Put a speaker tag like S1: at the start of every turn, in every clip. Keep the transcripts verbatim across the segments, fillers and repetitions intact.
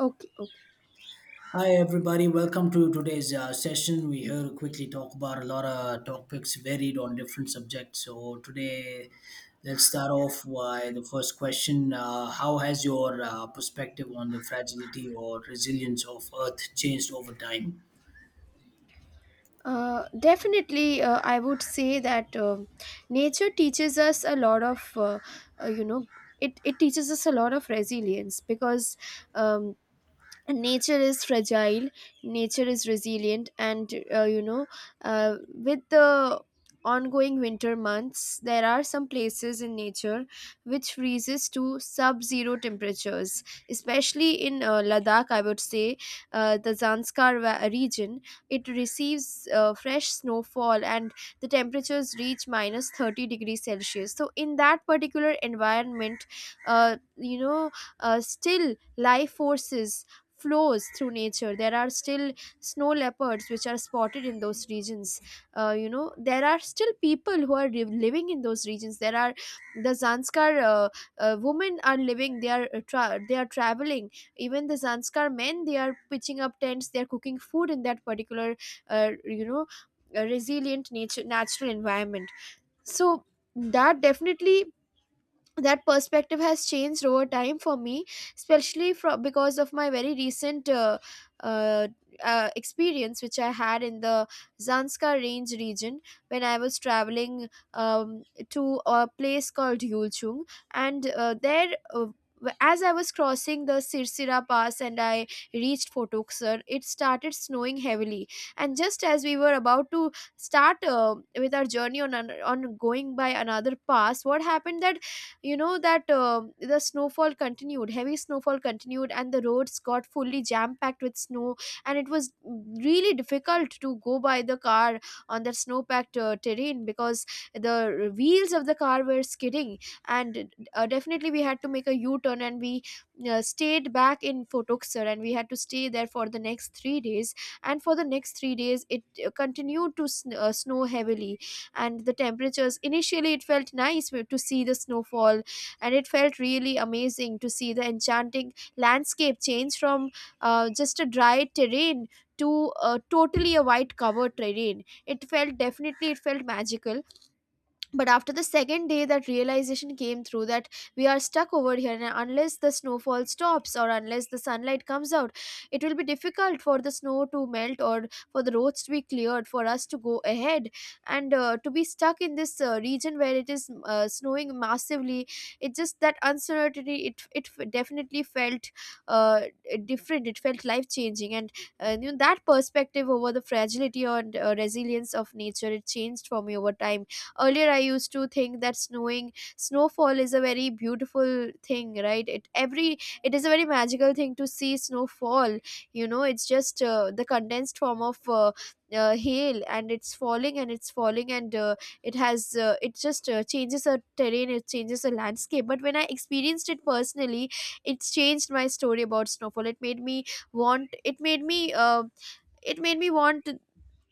S1: Okay, okay.
S2: Hi everybody, welcome to today's uh, session. We here to quickly talk about a lot of topics varied on different subjects. So today, let's start off by the first question: uh, How has your uh, perspective on the fragility or resilience of Earth changed over time?
S1: Uh, definitely, uh, I would say that um nature teaches us a lot of, uh, uh, you know, it, it teaches us a lot of resilience because um, nature is fragile, nature is resilient. And uh, you know uh, With the ongoing winter months, there are some places in nature which freezes to sub zero temperatures, especially in uh, Ladakh, I would say. Uh, the zanskar va- region, it receives uh, fresh snowfall and the temperatures reach minus thirty degrees Celsius. So in that particular environment, uh, you know uh, still life forces flows through nature. There are still snow leopards which are spotted in those regions. Uh, you know there are still people who are liv- living in those regions. There are the Zanskar, uh, uh, women are living, they are uh, tra- they are traveling. Even the Zanskar men, they are pitching up tents, they are cooking food in that particular uh, you know uh, resilient nature natural environment. So that definitely, that perspective has changed over time for me, especially from, because of my very recent uh, uh, uh, experience which I had in the Zanskar range region when I was traveling um, to a place called Yulchung. And uh, there uh, w- as I was crossing the Sirsira Pass and I reached Fotuksar, it started snowing heavily. And just as we were about to start uh, with our journey on, an- on going by another pass, what happened that, you know that um the snowfall continued, heavy snowfall continued, and the roads got fully jam packed with snow and it was really difficult to go by the car on that snow packed uh, terrain because the wheels of the car were skidding. And uh, definitely, we had to make a u turn and we uh, stayed back in Fotuksar and we had to stay there for the next three days. And for the next three days, it uh, continued to sn- uh, snow heavily. And the temperatures, initially it felt nice w- to see the snowfall, and it felt really amazing to see the enchanting landscape change from uh, just a dry terrain to uh, totally a white covered terrain. It felt, definitely it felt magical. But after the second day, that realization came through that we are stuck over here, and unless the snowfall stops or unless the sunlight comes out, it will be difficult for the snow to melt or for the roads to be cleared for us to go ahead. And uh, to be stuck in this uh, region where it is uh, snowing massively, it just that uncertainty, it, it definitely felt uh, different. It felt life changing. And uh, you know, that perspective over the fragility and uh, resilience of nature, it changed for me over time. Earlier, I used to think that snowing snowfall is a very beautiful thing, right? It every it is a very magical thing to see snowfall. You know, it's just uh, the condensed form of uh, uh, hail and it's falling and it's falling, and uh, it has uh, it just uh, changes a terrain, it changes a landscape. But when I experienced it personally, it's changed my story about snowfall. It made me want it made me uh, it made me want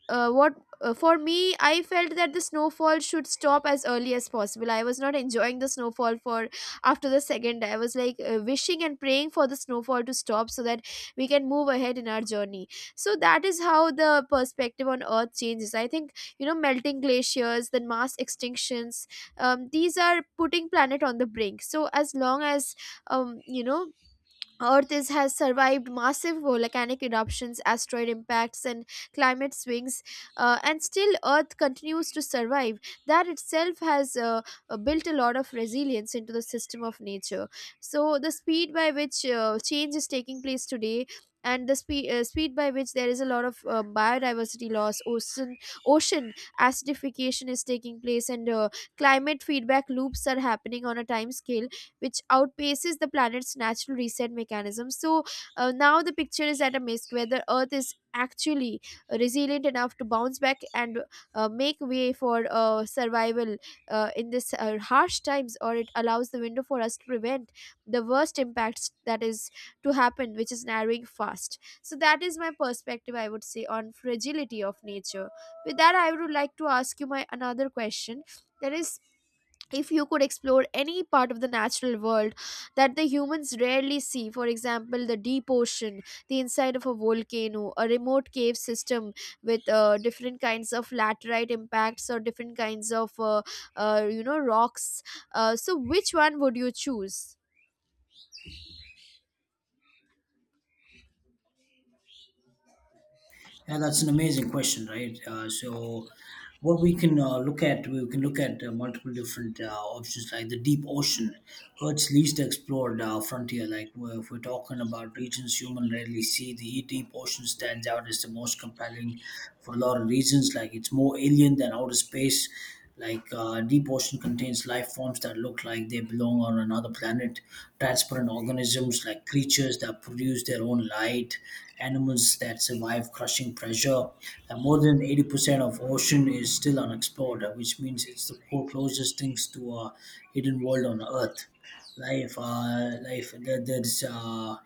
S1: uh, what uh, for me, I felt that the snowfall should stop as early as possible. I was not enjoying the snowfall. For after the second day, I was like uh, wishing and praying for the snowfall to stop so that we can move ahead in our journey. So that is how the perspective on Earth changes, I think. You know, melting glaciers, then mass extinctions, um, these are putting planet on the brink. So as long as um, you know Earth is, has survived massive volcanic eruptions, asteroid impacts, and climate swings, uh, and still Earth continues to survive. That itself has uh, uh, built a lot of resilience into the system of nature. So, the speed by which uh, change is taking place today. And the speed, uh, speed by which there is a lot of uh, biodiversity loss, ocean ocean acidification is taking place, and uh, climate feedback loops are happening on a time scale which outpaces the planet's natural reset mechanism. So uh, now the picture is at a risk whether Earth is actually resilient enough to bounce back and uh, make way for uh, survival uh, in this uh, harsh times, or it allows the window for us to prevent the worst impacts that is to happen, which is narrowing fast. So that is my perspective, I would say, on fragility of nature. With that, I would like to ask you my another question. That is, if you could explore any part of the natural world that the humans rarely see, for example, the deep ocean, the inside of a volcano, a remote cave system with uh, different kinds of laterite impacts or different kinds of, uh, uh, you know, rocks. Uh, so, which one would you choose?
S2: Yeah, that's an amazing question, right? Uh, so, what we can uh, look at, we can look at uh, multiple different uh, options, like the deep ocean, Earth's least explored uh, frontier. Like, we're, if we're talking about regions humans rarely see, the deep ocean stands out as the most compelling for a lot of reasons. Like, it's more alien than outer space. Like uh, deep ocean contains life forms that look like they belong on another planet, transparent organisms like creatures that produce their own light, animals that survive crushing pressure. And more than eighty percent of ocean is still unexplored, uh, which means it's the co- closest things to a hidden world on Earth. Life, uh, life. There, there's uh,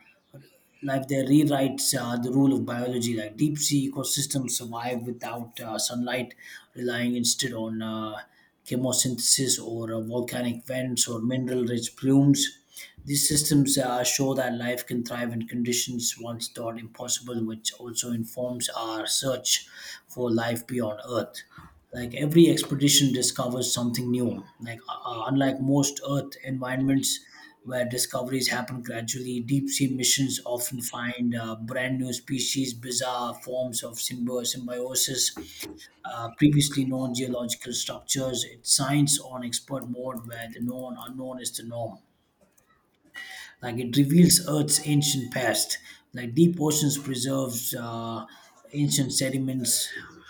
S2: life there rewrites uh, the rule of biology. Like deep sea ecosystems survive without uh, sunlight, relying instead on uh, chemosynthesis or uh, volcanic vents or mineral rich plumes. These systems uh, show that life can thrive in conditions once thought impossible, which also informs our search for life beyond Earth. Like every expedition discovers something new. Like uh, uh, unlike most earth environments where discoveries happen gradually, deep sea missions often find uh, brand new species, bizarre forms of symbi- symbiosis, uh, previously known geological structures. It's science on expert mode where the known unknown is the norm. Like it reveals earth's ancient past. Like deep oceans preserves uh, ancient sediments,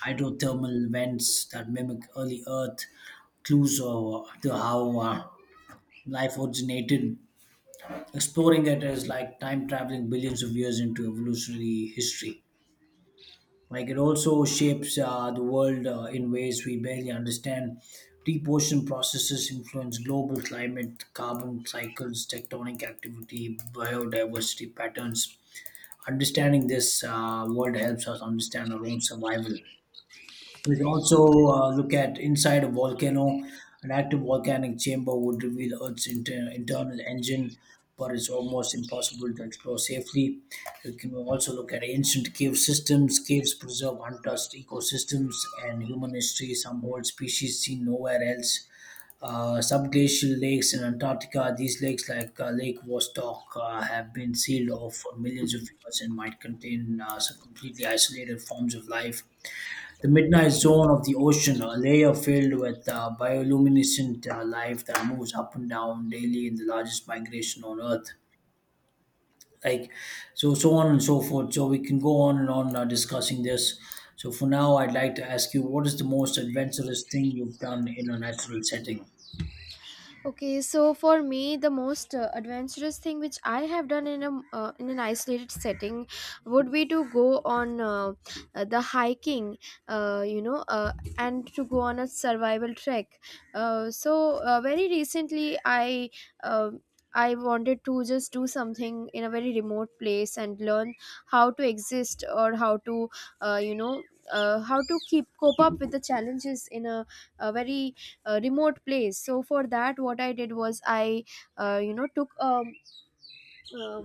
S2: hydrothermal vents that mimic early earth, clues uh, to how uh, life originated. Exploring it is like time traveling billions of years into evolutionary history. Like it also shapes uh, the world uh, in ways we barely understand. Deep ocean processes influence global climate, carbon cycles, tectonic activity, biodiversity patterns. Understanding this uh, world helps us understand our own survival. We can also uh, look at inside a volcano. An active volcanic chamber would reveal Earth's inter- internal engine, but it's almost impossible to explore safely. We can also look at ancient cave systems. Caves preserve untouched ecosystems and human history, some old species seen nowhere else. Uh, subglacial lakes in Antarctica, these lakes like uh, Lake Vostok uh, have been sealed off for millions of years and might contain uh, some completely isolated forms of life. The midnight zone of the ocean, a layer filled with uh, bioluminescent uh, life that moves up and down daily in the largest migration on Earth. Like, so, so on and so forth. So, we can go on and on uh, discussing this. So, for now, I'd like to ask you, what is the most adventurous thing you've done in a natural setting?
S1: Okay, so for me, the most uh, adventurous thing which I have done in a uh, in an isolated setting would be to go on uh, uh, the hiking, uh, you know, uh, and to go on a survival trek. Uh, so uh, Very recently, I. Uh, I wanted to just do something in a very remote place and learn how to exist or how to, uh, you know, uh, how to keep cope up with the challenges in a, a very, a remote place. So for that, what I did was I uh, you know took um uh,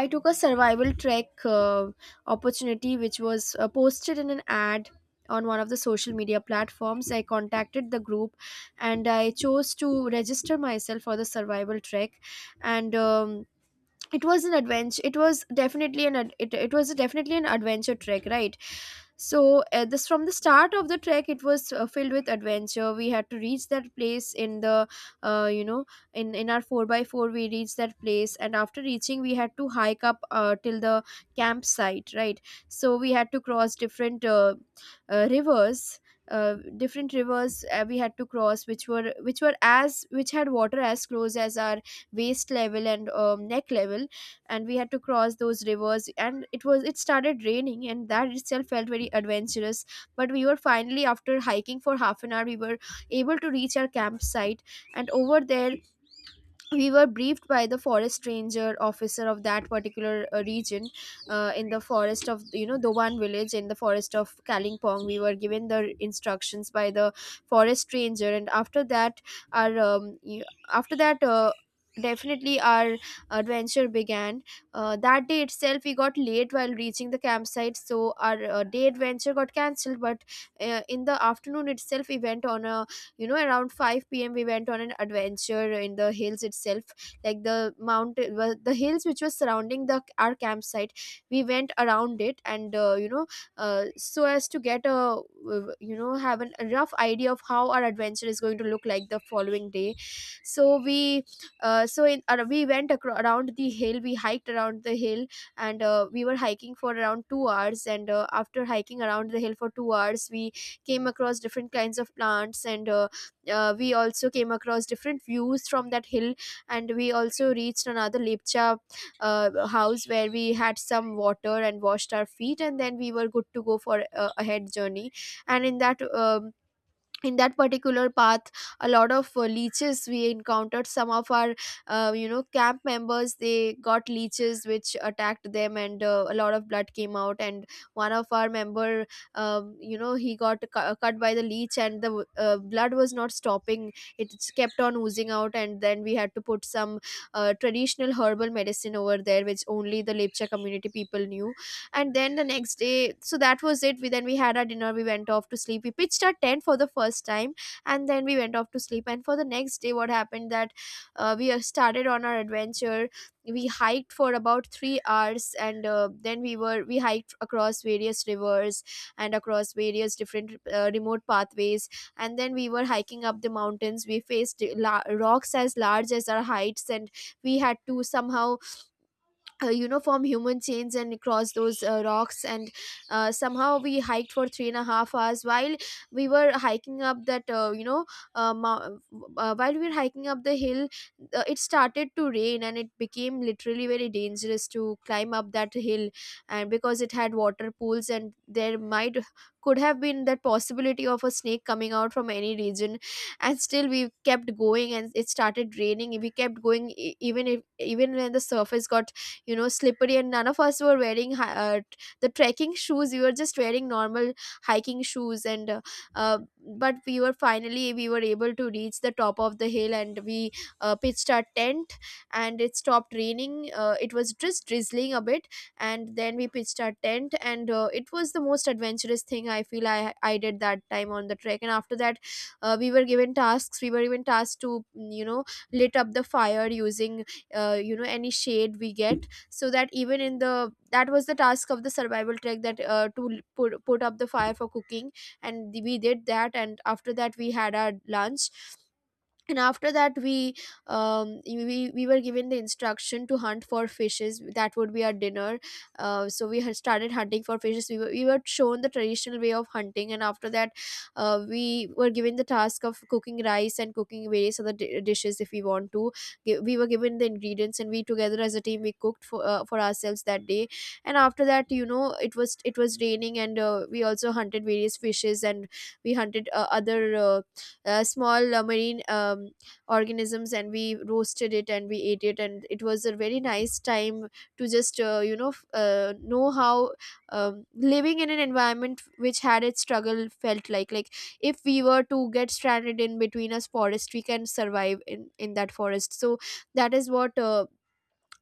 S1: I took a survival trek uh, opportunity which was uh, posted in an ad on one of the social media platforms. I contacted the group and I chose to register myself for the survival trek. And um, it was an adventure. It was definitely an ad- it, it was definitely an adventure trek, right? So uh, this, from the start of the trek, it was uh, filled with adventure. We had to reach that place in the uh, you know in in our four by four. We reached that place and after reaching, we had to hike up uh, till the campsite, right? So we had to cross different uh, uh, rivers, uh, different rivers uh, we had to cross, which were, which were as which had water as close as our waist level and um, neck level. And we had to cross those rivers, and it was, it started raining, and that itself felt very adventurous. But we were finally, after hiking for half an hour, we were able to reach our campsite. And over there we were briefed by the forest ranger officer of that particular uh, region, uh, in the forest of, you know, the one village, in the forest of Kalingpong. We were given the instructions by the forest ranger, and after that, our um, y- after that uh, definitely our adventure began. Uh, that day itself, we got late while reaching the campsite, so our uh, day adventure got cancelled. But uh, in the afternoon itself, we went on a, you know, around five p.m. we went on an adventure in the hills itself, like the mountain, well, the hills which was surrounding the our campsite. We went around it, and uh, you know uh, so as to get a uh, you know have an, a rough idea of how our adventure is going to look like the following day. So we uh, so in uh, we went acro- around the hill, we hiked around the hill. And uh, we were hiking for around two hours, and uh, after hiking around the hill for two hours, we came across different kinds of plants. And uh, uh, we also came across different views from that hill, and we also reached another Lepcha uh, house where we had some water and washed our feet, and then we were good to go for uh, a head journey. And in that um, in that particular path, a lot of uh, leeches we encountered. Some of our uh, you know camp members, they got leeches which attacked them, and uh, a lot of blood came out. And one of our member, um, you know he got cu- cut by the leech, and the uh, blood was not stopping. It kept on oozing out, and then we had to put some uh, traditional herbal medicine over there which only the Lepcha community people knew. And then the next day, so that was it. We then we had our dinner, we went off to sleep, we pitched our tent for the first time, and then we went off to sleep. And for the next day, what happened that uh, we uh, started on our adventure. We hiked for about three hours, and uh, then we were we hiked across various rivers and across various different uh, remote pathways. And then We were hiking up the mountains. We faced la- rocks as large as our heights, and we had to somehow uh, you know, form human chains and across those uh, rocks. And uh, somehow we hiked for three and a half hours while we were hiking up that uh, you know uh, mou- uh, while we were hiking up the hill. Uh, it started to rain, and it became literally very dangerous to climb up that hill, and because it had water pools, and there might could have been that possibility of a snake coming out from any region. And still we kept going, and it started raining. We kept going e- even if even when the surface got, you know, slippery, and none of us were wearing hi- uh, t- the trekking shoes. We were just wearing normal hiking shoes, and uh, uh, but we were finally we were able to reach the top of the hill, and we uh, pitched our tent. And it stopped raining. Uh, it was just drizzling a bit, and then we pitched our tent. And uh, it was the most adventurous thing, I feel, i i did that time on the trek. And after that, uh, we were given tasks. We were even tasked to mm, you know, lit up the fire using uh, you know, any shade we get, so that even in the, that was the task of the survival trek, that uh, to l- put, put up the fire for cooking. And we did that, and after that we had our lunch. And after that we um we, we were given the instruction to hunt for fishes that would be our dinner. Uh, so we had started hunting for fishes. We were, we were shown the traditional way of hunting. And after that, uh, we were given the task of cooking rice and cooking various other di- dishes if we want to. Gi- we were given the ingredients, and we together as a team, we cooked for uh, for ourselves that day. And after that, you know, it was, it was raining, and uh, we also hunted various fishes, and we hunted uh, other uh, uh, small uh, marine um, organisms, and we roasted it and we ate it. And it was a very nice time to just uh, you know, f- uh, know how um, living in an environment which had its struggle felt like. Like, if we were to get stranded in between a forest, we can survive in in that forest. So that is what uh,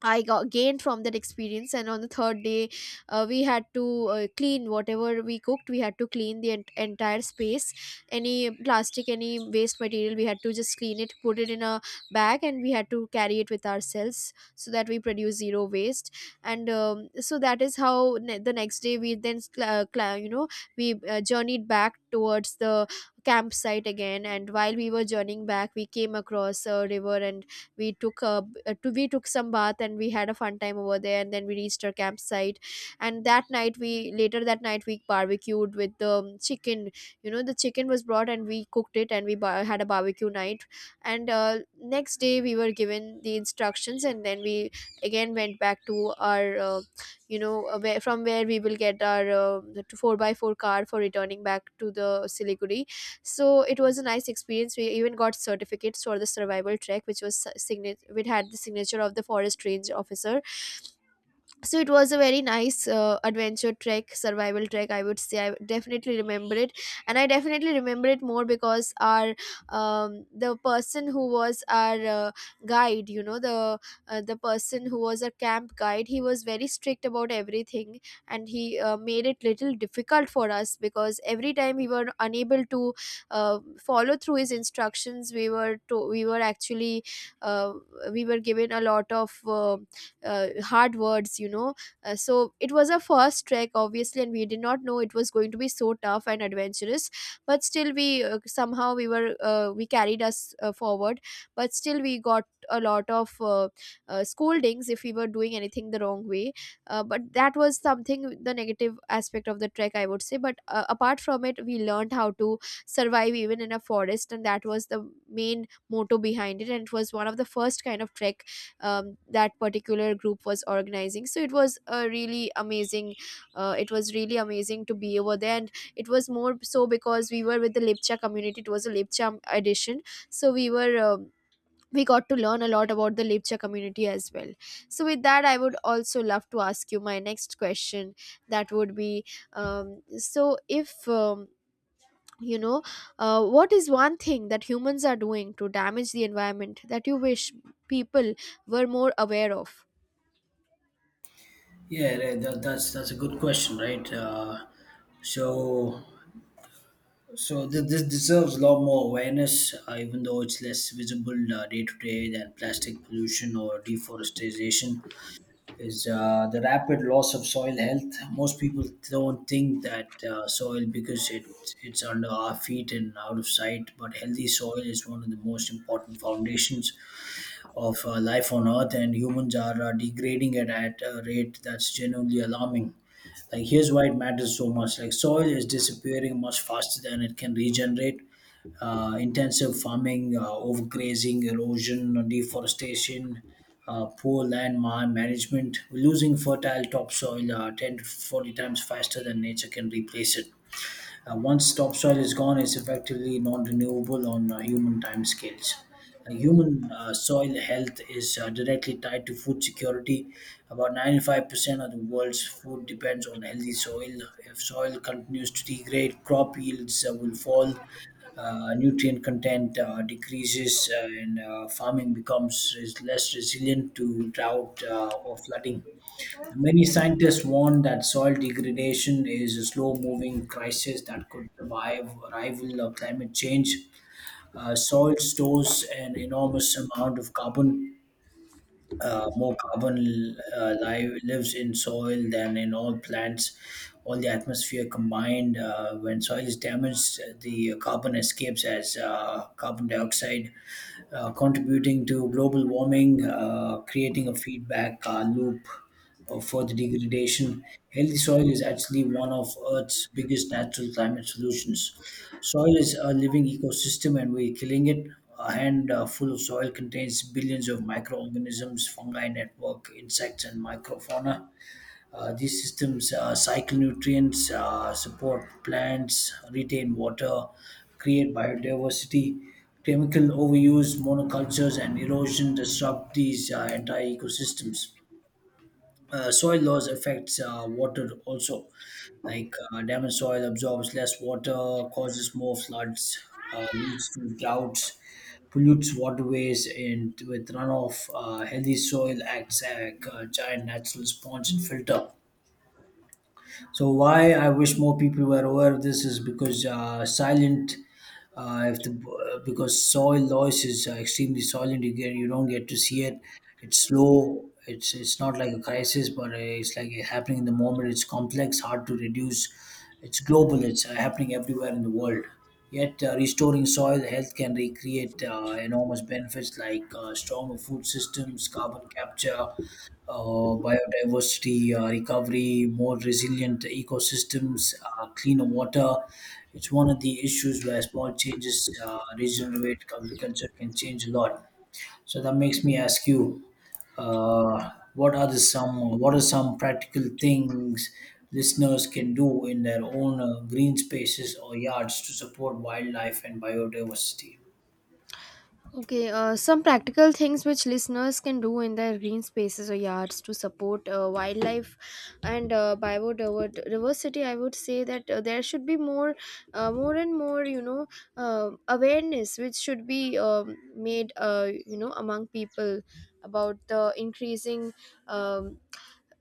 S1: I got gained from that experience. And on the third day, uh, we had to uh, clean whatever we cooked. We had to clean the ent- entire space, any plastic, any waste material. We had to just clean it, put it in a bag, and we had to carry it with ourselves so that we produce zero waste. And um, so that is how, ne- the next day, we then cl- uh, cl- you know, we uh, journeyed back towards the campsite again. And while we were journeying back, we came across a river, and we took a uh, to, we took some bath, and we had a fun time over there. And then we reached our campsite, and that night we later that night we barbecued with the um, chicken. You know, the chicken was brought, and we cooked it, and we bar- had a barbecue night. And uh, next day we were given the instructions, and then we again went back to our uh, you know, uh, where, from where we will get our uh, the four by four car for returning back to the siliguri. So it was a nice experience. We even got certificates for the survival trek, which was signature, which had the signature of the forest range officer. So it was a very nice uh, adventure trek survival trek, I would say. I definitely remember it, and I definitely remember it more because our um, the person who was our uh, guide, you know, the uh, the person who was our camp guide, he was very strict about everything. And he uh, made it little difficult for us, because every time we were unable to uh, follow through his instructions, we were to, we were actually, uh, we were given a lot of uh, uh, hard words, you know. Uh, so it was a first trek obviously, and we did not know it was going to be so tough and adventurous. But still we uh, somehow we were uh, we carried us uh, forward. But still we got a lot of uh, uh, scoldings if we were doing anything the wrong way. Uh, but that was something, the negative aspect of the trek, I would say. But uh, apart from it, we learned how to survive even in a forest, and that was the main motto behind it. And it was one of the first kind of trek um, that particular group was organizing. So it was a really amazing, uh, it was really amazing to be over there. And it was more so because we were with the lipcha community. It was a lipcha edition. So we were um, we got to learn a lot about the Lipcha community as well. So with that, I would also love to ask you my next question. That would be, um, so if um, you know, uh, what is one thing that humans are doing to damage the environment that you wish people were more aware of?
S2: Yeah, right, that, that's, that's a good question, right? Uh, so, So th- this deserves a lot more awareness, uh, even though it's less visible uh, day to day than plastic pollution or deforestation. Is uh, the rapid loss of soil health? Most people don't think that uh, soil because it it's under our feet and out of sight. But healthy soil is one of the most important foundations of uh, life on Earth, and humans are uh, degrading it at a rate that's genuinely alarming. Like, here's why it matters so much. Like, soil is disappearing much faster than it can regenerate. Uh, intensive farming, uh, overgrazing, erosion, deforestation, uh, poor land ma- management. We're losing fertile topsoil uh, ten to forty times faster than nature can replace it. Uh, once topsoil is gone, it's effectively non-renewable on uh, human timescales. Uh, human uh, Soil health is uh, directly tied to food security. About ninety-five percent of the world's food depends on healthy soil. If soil continues to degrade, crop yields uh, will fall, uh, nutrient content uh, decreases, uh, and uh, farming becomes is less resilient to drought uh, or flooding. Many scientists warn that soil degradation is a slow moving crisis that could revive, rival uh, climate change. Uh, soil stores an enormous amount of carbon. Uh, more carbon uh, li- lives in soil than in all plants. All the atmosphere combined, uh, when soil is damaged, the carbon escapes as uh, carbon dioxide, uh, contributing to global warming, uh, creating a feedback uh, loop of further degradation. Healthy soil is actually one of Earth's biggest natural climate solutions. Soil is a living ecosystem, and we're killing it. A handful full of soil contains billions of microorganisms, fungi network, insects, and microfauna. Uh, these systems uh, cycle nutrients, uh, support plants, retain water, create biodiversity. Chemical overuse, monocultures, and erosion disrupt these uh, entire ecosystems. Uh, soil loss affects uh, water also. Like uh, damaged soil absorbs less water, causes more floods, uh, leads to droughts, pollutes waterways, and with runoff, uh, healthy soil acts like a giant natural sponge and filter. So why I wish more people were aware of this is because uh, silent, uh, if the because soil loss is uh, extremely silent, you get you don't get to see it. It's slow. It's it's not like a crisis, but uh, it's like happening in the moment. It's complex, hard to reduce. It's global. It's uh, happening everywhere in the world. Yet uh, restoring soil health can recreate uh, enormous benefits like uh, stronger food systems, carbon capture, uh, biodiversity uh, recovery, more resilient ecosystems, uh, cleaner water. It's one of the issues where small changes, uh, regional weight agriculture can change a lot. So that makes me ask you, uh, what are the some what are some practical things listeners can do in their own uh, green spaces or yards to support wildlife and biodiversity?
S1: Okay, uh, some practical things which listeners can do in their green spaces or yards to support uh, wildlife and uh, biodiversity. I would say that uh, there should be more, uh, more and more, you know, uh, awareness which should be um made, uh, you know, among people, about the increasing um,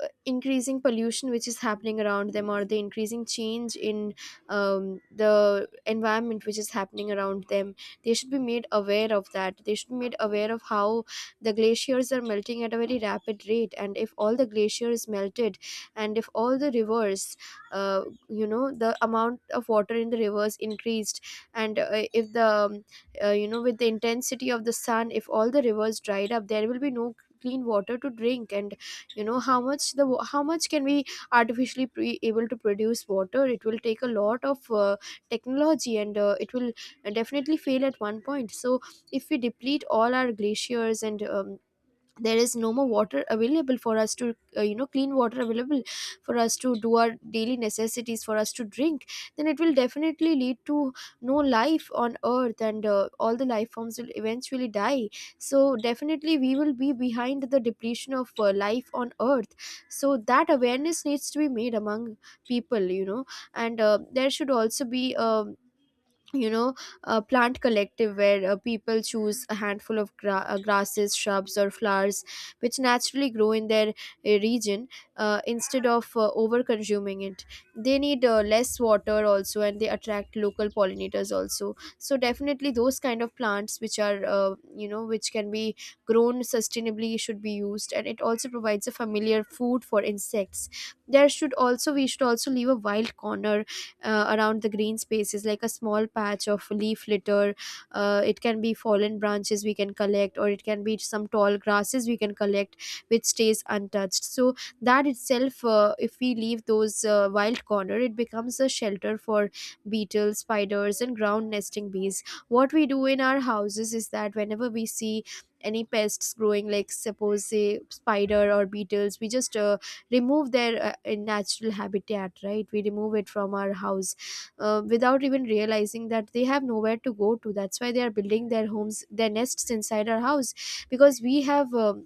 S1: uh, increasing pollution which is happening around them, or the increasing change in um, the environment which is happening around them. They should be made aware of that. They should be made aware of how the glaciers are melting at a very rapid rate, and if all the glaciers melted, and if all the rivers, uh, you know, the amount of water in the rivers increased, and uh, if the um, uh, you know, with the intensity of the sun, if all the rivers dried up, there will be no clean water to drink. And you know, how much the wa- how much can we artificially be able to produce water? It will take a lot of uh, technology, and uh, it will definitely fail at one point. So if we deplete all our glaciers, and um, there is no more water available for us to uh, you know, clean water available for us to do our daily necessities, for us to drink, then it will definitely lead to no life on earth. And uh, all the life forms will eventually die. So definitely we will be behind the depletion of uh, life on earth. So that awareness needs to be made among people, you know. And uh, there should also be um you know, a plant collective, where uh, people choose a handful of gra- uh, grasses, shrubs or flowers which naturally grow in their uh, region, uh, instead of uh, over consuming it. They need uh, less water also, and they attract local pollinators also. So definitely those kind of plants which are uh, you know, which can be grown sustainably should be used, and it also provides a familiar food for insects. There should also we should also leave a wild corner uh, around the green spaces, like a small patch of leaf litter. Uh, it can be fallen branches we can collect, or it can be some tall grasses we can collect, which stays untouched. So that itself, uh, if we leave those uh, wild corner, it becomes a shelter for beetles, spiders and ground nesting bees. What we do in our houses is that whenever we see any pests growing, like suppose say spider or beetles, we just uh, remove their uh, uh, natural habitat, right? We remove it from our house uh, without even realizing that they have nowhere to go to. That's why they are building their homes, their nests, inside our house, because we have um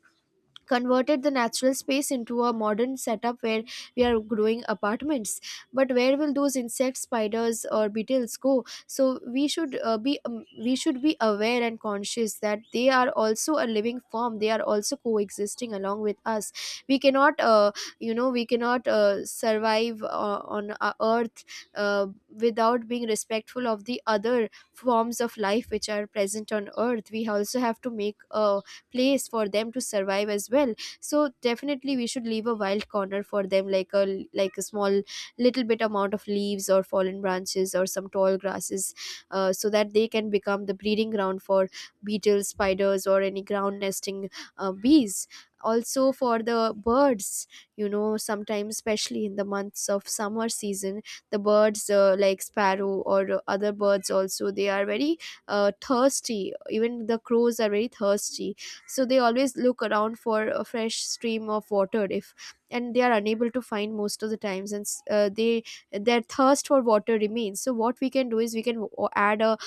S1: converted the natural space into a modern setup where we are growing apartments. But where will those insects, spiders or beetles go? So we should uh, be um, we should be aware and conscious that they are also a living form. They are also coexisting along with us. We cannot uh, you know, we cannot uh, survive uh, on our earth uh, without being respectful of the other forms of life which are present on earth. We also have to make a place for them to survive as well. So definitely we should leave a wild corner for them, like a, like a Small little bit amount of leaves or fallen branches or some tall grasses, uh, so that they can become the breeding ground for beetles, spiders, or any ground nesting uh, bees. Also for the birds, you know, sometimes especially in the months of summer season, the birds, uh, like sparrow or uh, other birds also, they are very uh, thirsty. Even the crows are very thirsty, so they always look around for a fresh stream of water if, and they are unable to find most of the times, and s- uh, they, their thirst for water remains. So what we can do is we can w- add a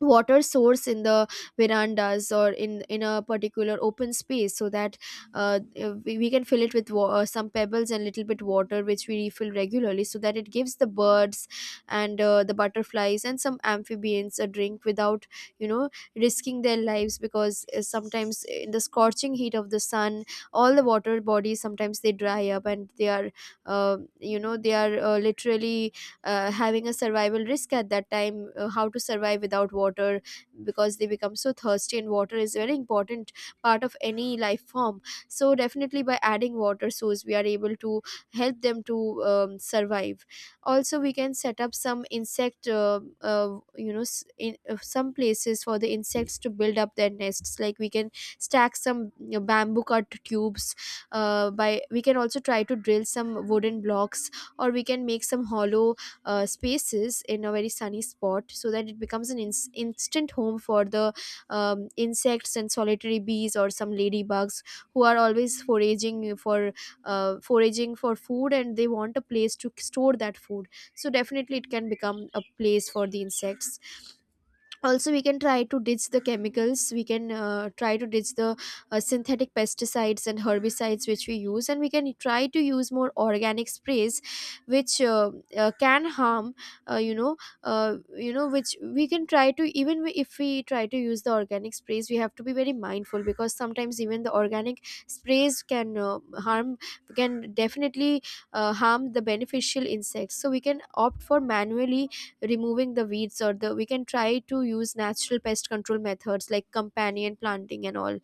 S1: water source in the verandas or in in a particular open space so that uh, uh, we, we can fill it with wa- uh, some pebbles and little bit water which we refill regularly, so that it gives the birds and, uh, the butterflies and some amphibians a drink without, you know risking their lives. Because uh, sometimes in the scorching heat of the sun, all the water bodies sometimes they dry up and they are, uh, you know they are, uh, literally, uh, having a survival risk at that time. Uh, how to survive without water, because they become so thirsty, and water is a very important part of any life form. So definitely by adding water source, we are able to help them to um, survive. Also, we can set up some insect, uh, uh, you know s- in uh, some places for the insects to build up their nests. Like, we can stack some, you know, bamboo cut tubes, uh, by we can also try to drill some wooden blocks, or we can make some hollow uh, spaces in a very sunny spot, so that it becomes an ins- instant home for the um, insects and solitary bees or some ladybugs who are always foraging for, uh, foraging for food, and they want a place to store that food. So definitely it can become a place for the insects. Also, we can try to ditch the chemicals. We can uh, try to ditch the uh, synthetic pesticides and herbicides which we use, and we can try to use more organic sprays which uh, uh, can harm, uh, you know uh, you know which we can try to, even if we try to use the organic sprays, we have to be very mindful, because sometimes even the organic sprays can uh, harm, can definitely uh, harm the beneficial insects. So we can opt for manually removing the weeds, or the, we can try to use natural pest control methods like companion planting and all.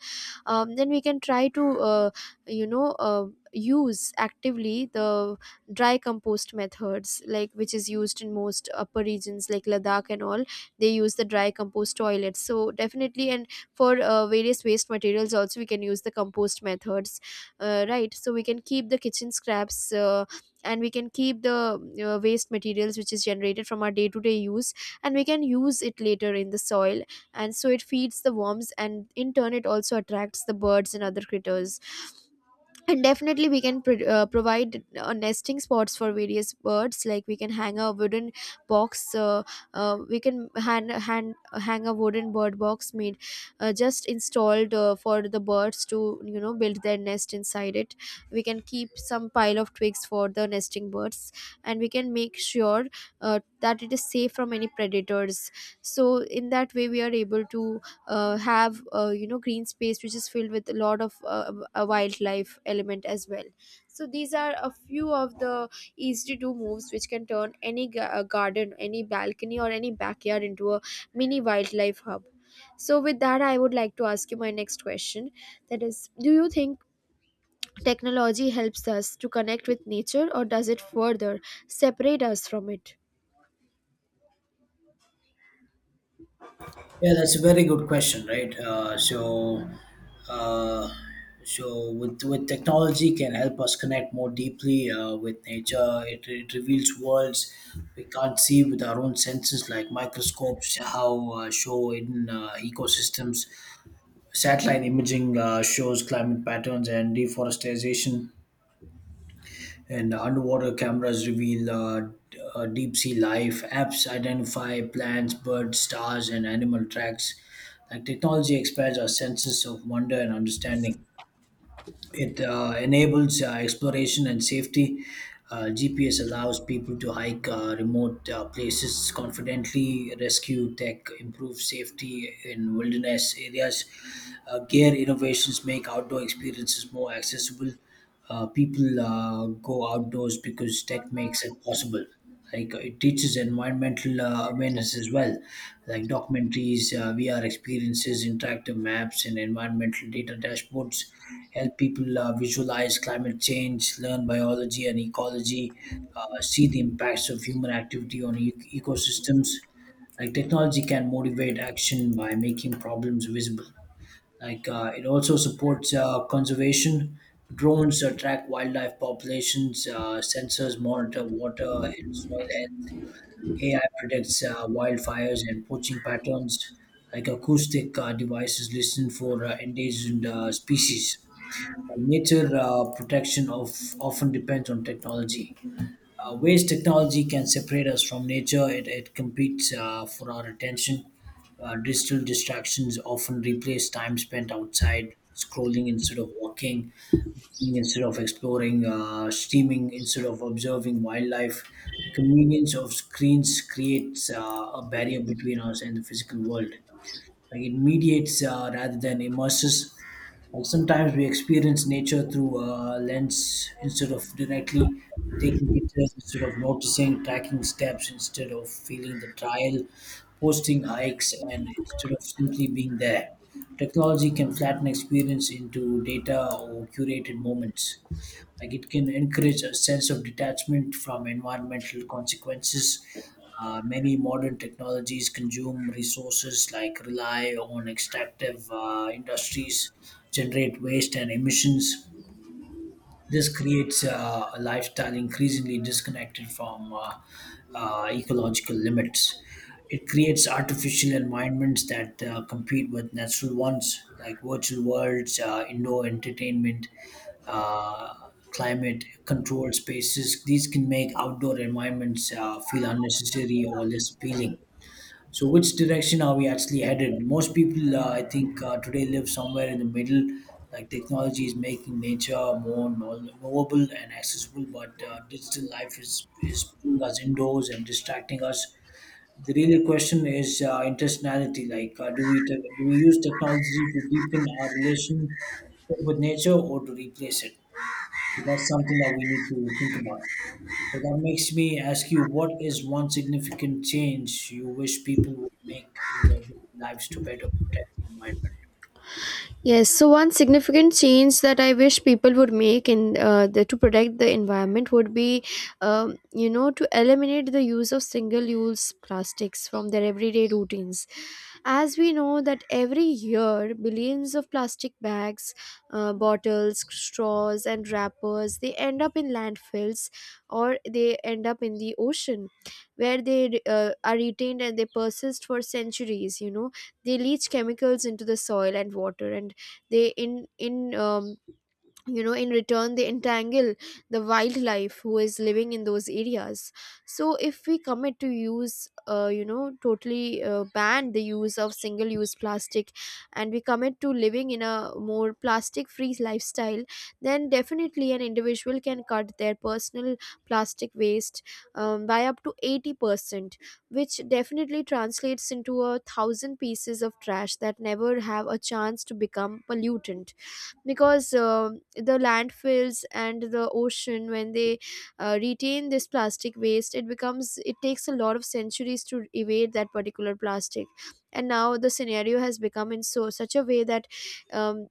S1: um, Then we can try to uh, you know uh, use actively the dry compost methods, like which is used in most upper regions like Ladakh and all. They use the dry compost toilets. So definitely, and for uh, various waste materials also, we can use the compost methods, uh, right. So we can keep the kitchen scraps, uh, and we can keep the uh, waste materials which is generated from our day to day use, and we can use it later in the soil, and so it feeds the worms, and in turn it also attracts the birds and other critters. And definitely we can pro- uh, provide uh, nesting spots for various birds. Like, we can hang a wooden box, uh, uh, we can hand, hand, hang a wooden bird box made, uh, just installed uh, for the birds to, you know, build their nest inside it. We can keep some pile of twigs for the nesting birds, and we can make sure uh, that it is safe from any predators. So in that way we are able to uh, have, uh, you know green space which is filled with a lot of uh, a wildlife element as well. So these are a few of the easy to do moves which can turn any ga- uh, garden, any balcony, or any backyard into a mini wildlife hub. So with that, I would like to ask you my next question, that is, do you think technology helps us to connect with nature, or does it further separate us from it?
S2: Yeah, that's a very good question, right? Uh, so, uh, so with with technology can help us connect more deeply uh, with nature. It, it reveals worlds we can't see with our own senses, like microscopes, how uh, show hidden uh, ecosystems. Satellite imaging uh, shows climate patterns and deforestation, and underwater cameras reveal uh, d- uh, deep sea life. Apps identify plants, birds, stars, and animal tracks. Like technology expands our senses of wonder and understanding. It uh, enables uh, exploration and safety. Uh, G P S allows people to hike uh, remote uh, places confidently. Rescue tech improves safety in wilderness areas. Uh, gear innovations make outdoor experiences more accessible. Uh, people uh, go outdoors because tech makes it possible. Like uh, it teaches environmental uh, awareness as well, like documentaries, uh, V R experiences, interactive maps, and environmental data dashboards help people uh, visualize climate change, learn biology and ecology, uh, see the impacts of human activity on e- ecosystems. Like technology can motivate action by making problems visible. Like uh, it also supports uh, conservation. Drones uh, track wildlife populations. Uh, sensors monitor water and soil health. A I predicts uh, wildfires and poaching patterns. Like acoustic uh, devices listen for uh, endangered uh, species. Nature uh, protection of often depends on technology. Uh, ways technology can separate us from nature, it, it competes uh, for our attention. Uh, digital distractions often replace time spent outside, scrolling instead of walking, eating instead of exploring, uh, streaming instead of observing wildlife. The convenience of screens creates uh, a barrier between us and the physical world. Like it mediates uh, rather than immerses. Like sometimes we experience nature through a lens instead of directly, taking pictures instead of noticing, tracking steps instead of feeling the trial, posting hikes and instead of simply being there. Technology can flatten experience into data or curated moments. Like it can encourage a sense of detachment from environmental consequences. Uh, many modern technologies consume resources, like rely on extractive uh, industries, generate waste and emissions. This creates uh, a lifestyle increasingly disconnected from uh, uh, ecological limits. It creates artificial environments that uh, compete with natural ones, like virtual worlds, uh, indoor entertainment, uh, climate controlled spaces. These can make outdoor environments uh, feel unnecessary or less appealing. So, which direction are we actually headed? Most people, uh, I think, uh, today live somewhere in the middle. Like technology is making nature more know- knowable and accessible, but uh, digital life is is pulling us indoors and distracting us. The real question is uh, intentionality. Like, uh, do we take, do we use technology to deepen our relationship with nature or to replace it? That's something that we need to think about. So that makes me ask you, what is one significant change you wish people would make in their daily lives to better protect the environment?
S1: Yes, so one significant change that I wish people would make in uh, the, to protect the environment would be, um, you know, to eliminate the use of single-use plastics from their everyday routines. As we know that every year billions of plastic bags, uh, bottles, straws, and wrappers, they end up in landfills or they end up in the ocean, where they uh, are retained and they persist for centuries. You know, they leach chemicals into the soil and water, and they in in um, you know in return they entangle the wildlife who is living in those areas. So if we commit to use, uh, you know totally uh, ban the use of single use plastic, and we commit to living in a more plastic free lifestyle, then definitely an individual can cut their personal plastic waste um, by up to eighty percent, which definitely translates into a thousand pieces of trash that never have a chance to become pollutant. Because uh, the landfills and the ocean, when they uh, retain this plastic waste, it becomes, it takes a lot of centuries to evade that particular plastic. And now the scenario has become in so such a way that, um,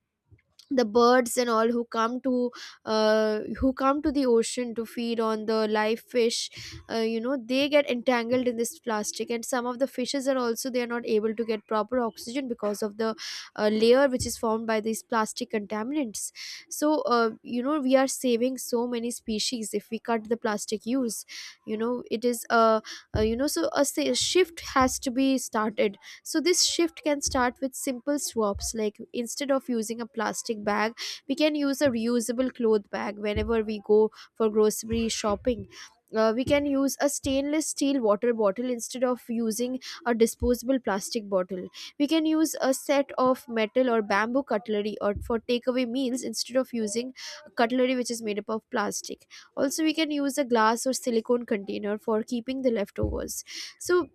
S1: the birds and all who come to, uh, who come to the ocean to feed on the live fish, uh, you know, they get entangled in this plastic, and some of the fishes are also, they are not able to get proper oxygen because of the uh, layer which is formed by these plastic contaminants. So, uh, you know we are saving so many species if we cut the plastic use. You know, it is a, uh, you know so a sa- shift has to be started. So this shift can start with simple swaps. Like, instead of using a plastic bag, we can use a reusable cloth bag whenever we go for grocery shopping. Uh, we can use a stainless steel water bottle instead of using a disposable plastic bottle. We can use a set of metal or bamboo cutlery or for takeaway meals instead of using cutlery which is made up of plastic. Also, we can use a glass or silicone container for keeping the leftovers. So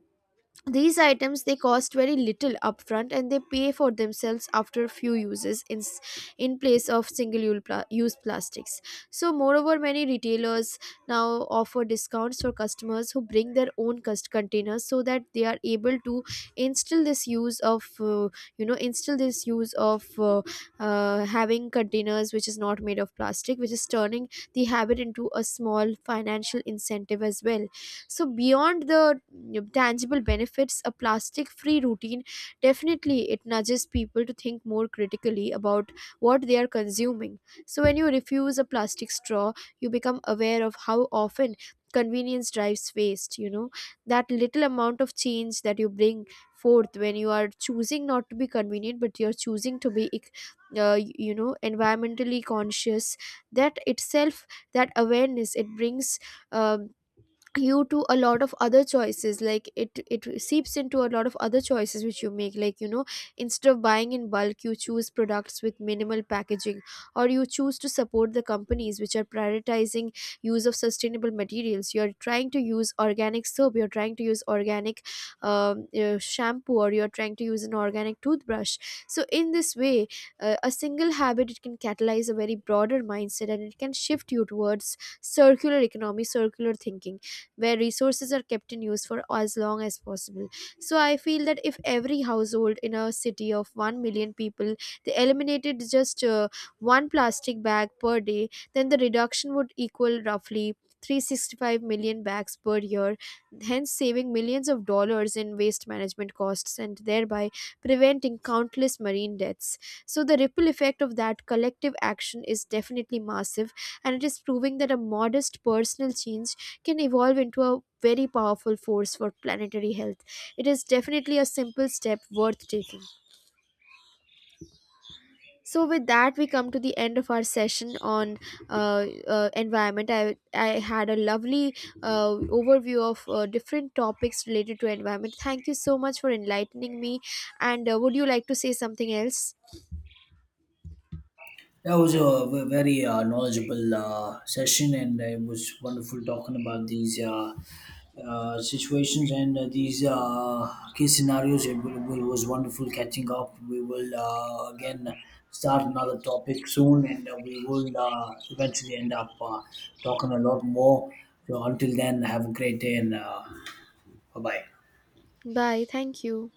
S1: these items, they cost very little upfront and they pay for themselves after a few uses in, s- in place of single ul- pla- use plastics. So, moreover, many retailers now offer discounts for customers who bring their own cust- containers, so that they are able to instill this use of, uh, you know instill this use of, uh, uh, having containers which is not made of plastic, which is turning the habit into a small financial incentive as well. So beyond the mm, tangible benefits, a plastic free routine, definitely it nudges people to think more critically about what they are consuming. So when you refuse a plastic straw, you become aware of how often convenience drives waste, you know, that little amount of change that you bring forth when you are choosing not to be convenient but you're choosing to be ec- uh, y- you know environmentally conscious, that itself, that awareness it brings, um, you to a lot of other choices. Like, it it seeps into a lot of other choices which you make, like, you know, instead of buying in bulk you choose products with minimal packaging, or you choose to support the companies which are prioritizing use of sustainable materials. You're trying to use organic soap, you're trying to use organic, um, uh, shampoo, or you're trying to use an organic toothbrush. So in this way, uh, a single habit, it can catalyze a very broader mindset, and it can shift you towards circular economy, circular thinking, where resources are kept in use for as long as possible. So I feel that if every household in a city of one million people, they eliminated just uh, one plastic bag per day, then the reduction would equal roughly three hundred sixty-five million bags per year, hence saving millions of dollars in waste management costs, and thereby preventing countless marine deaths. So, the ripple effect of that collective action is definitely massive, and it is proving that a modest personal change can evolve into a very powerful force for planetary health. It is definitely a simple step worth taking. So, with that, we come to the end of our session on, uh, uh, environment. I, I had a lovely uh, overview of uh, different topics related to environment. Thank you so much for enlightening me. And uh, would you like to say something else?
S2: That was a ve- very uh, knowledgeable uh, session, and it was wonderful talking about these uh, uh, situations and uh, these uh, case scenarios. It, wa- wa- was wonderful catching up. We will uh, again start another topic soon, and uh, we will uh, eventually end up uh, talking a lot more. So until then, have a great day and. Uh, Bye bye.
S1: Bye. Thank you.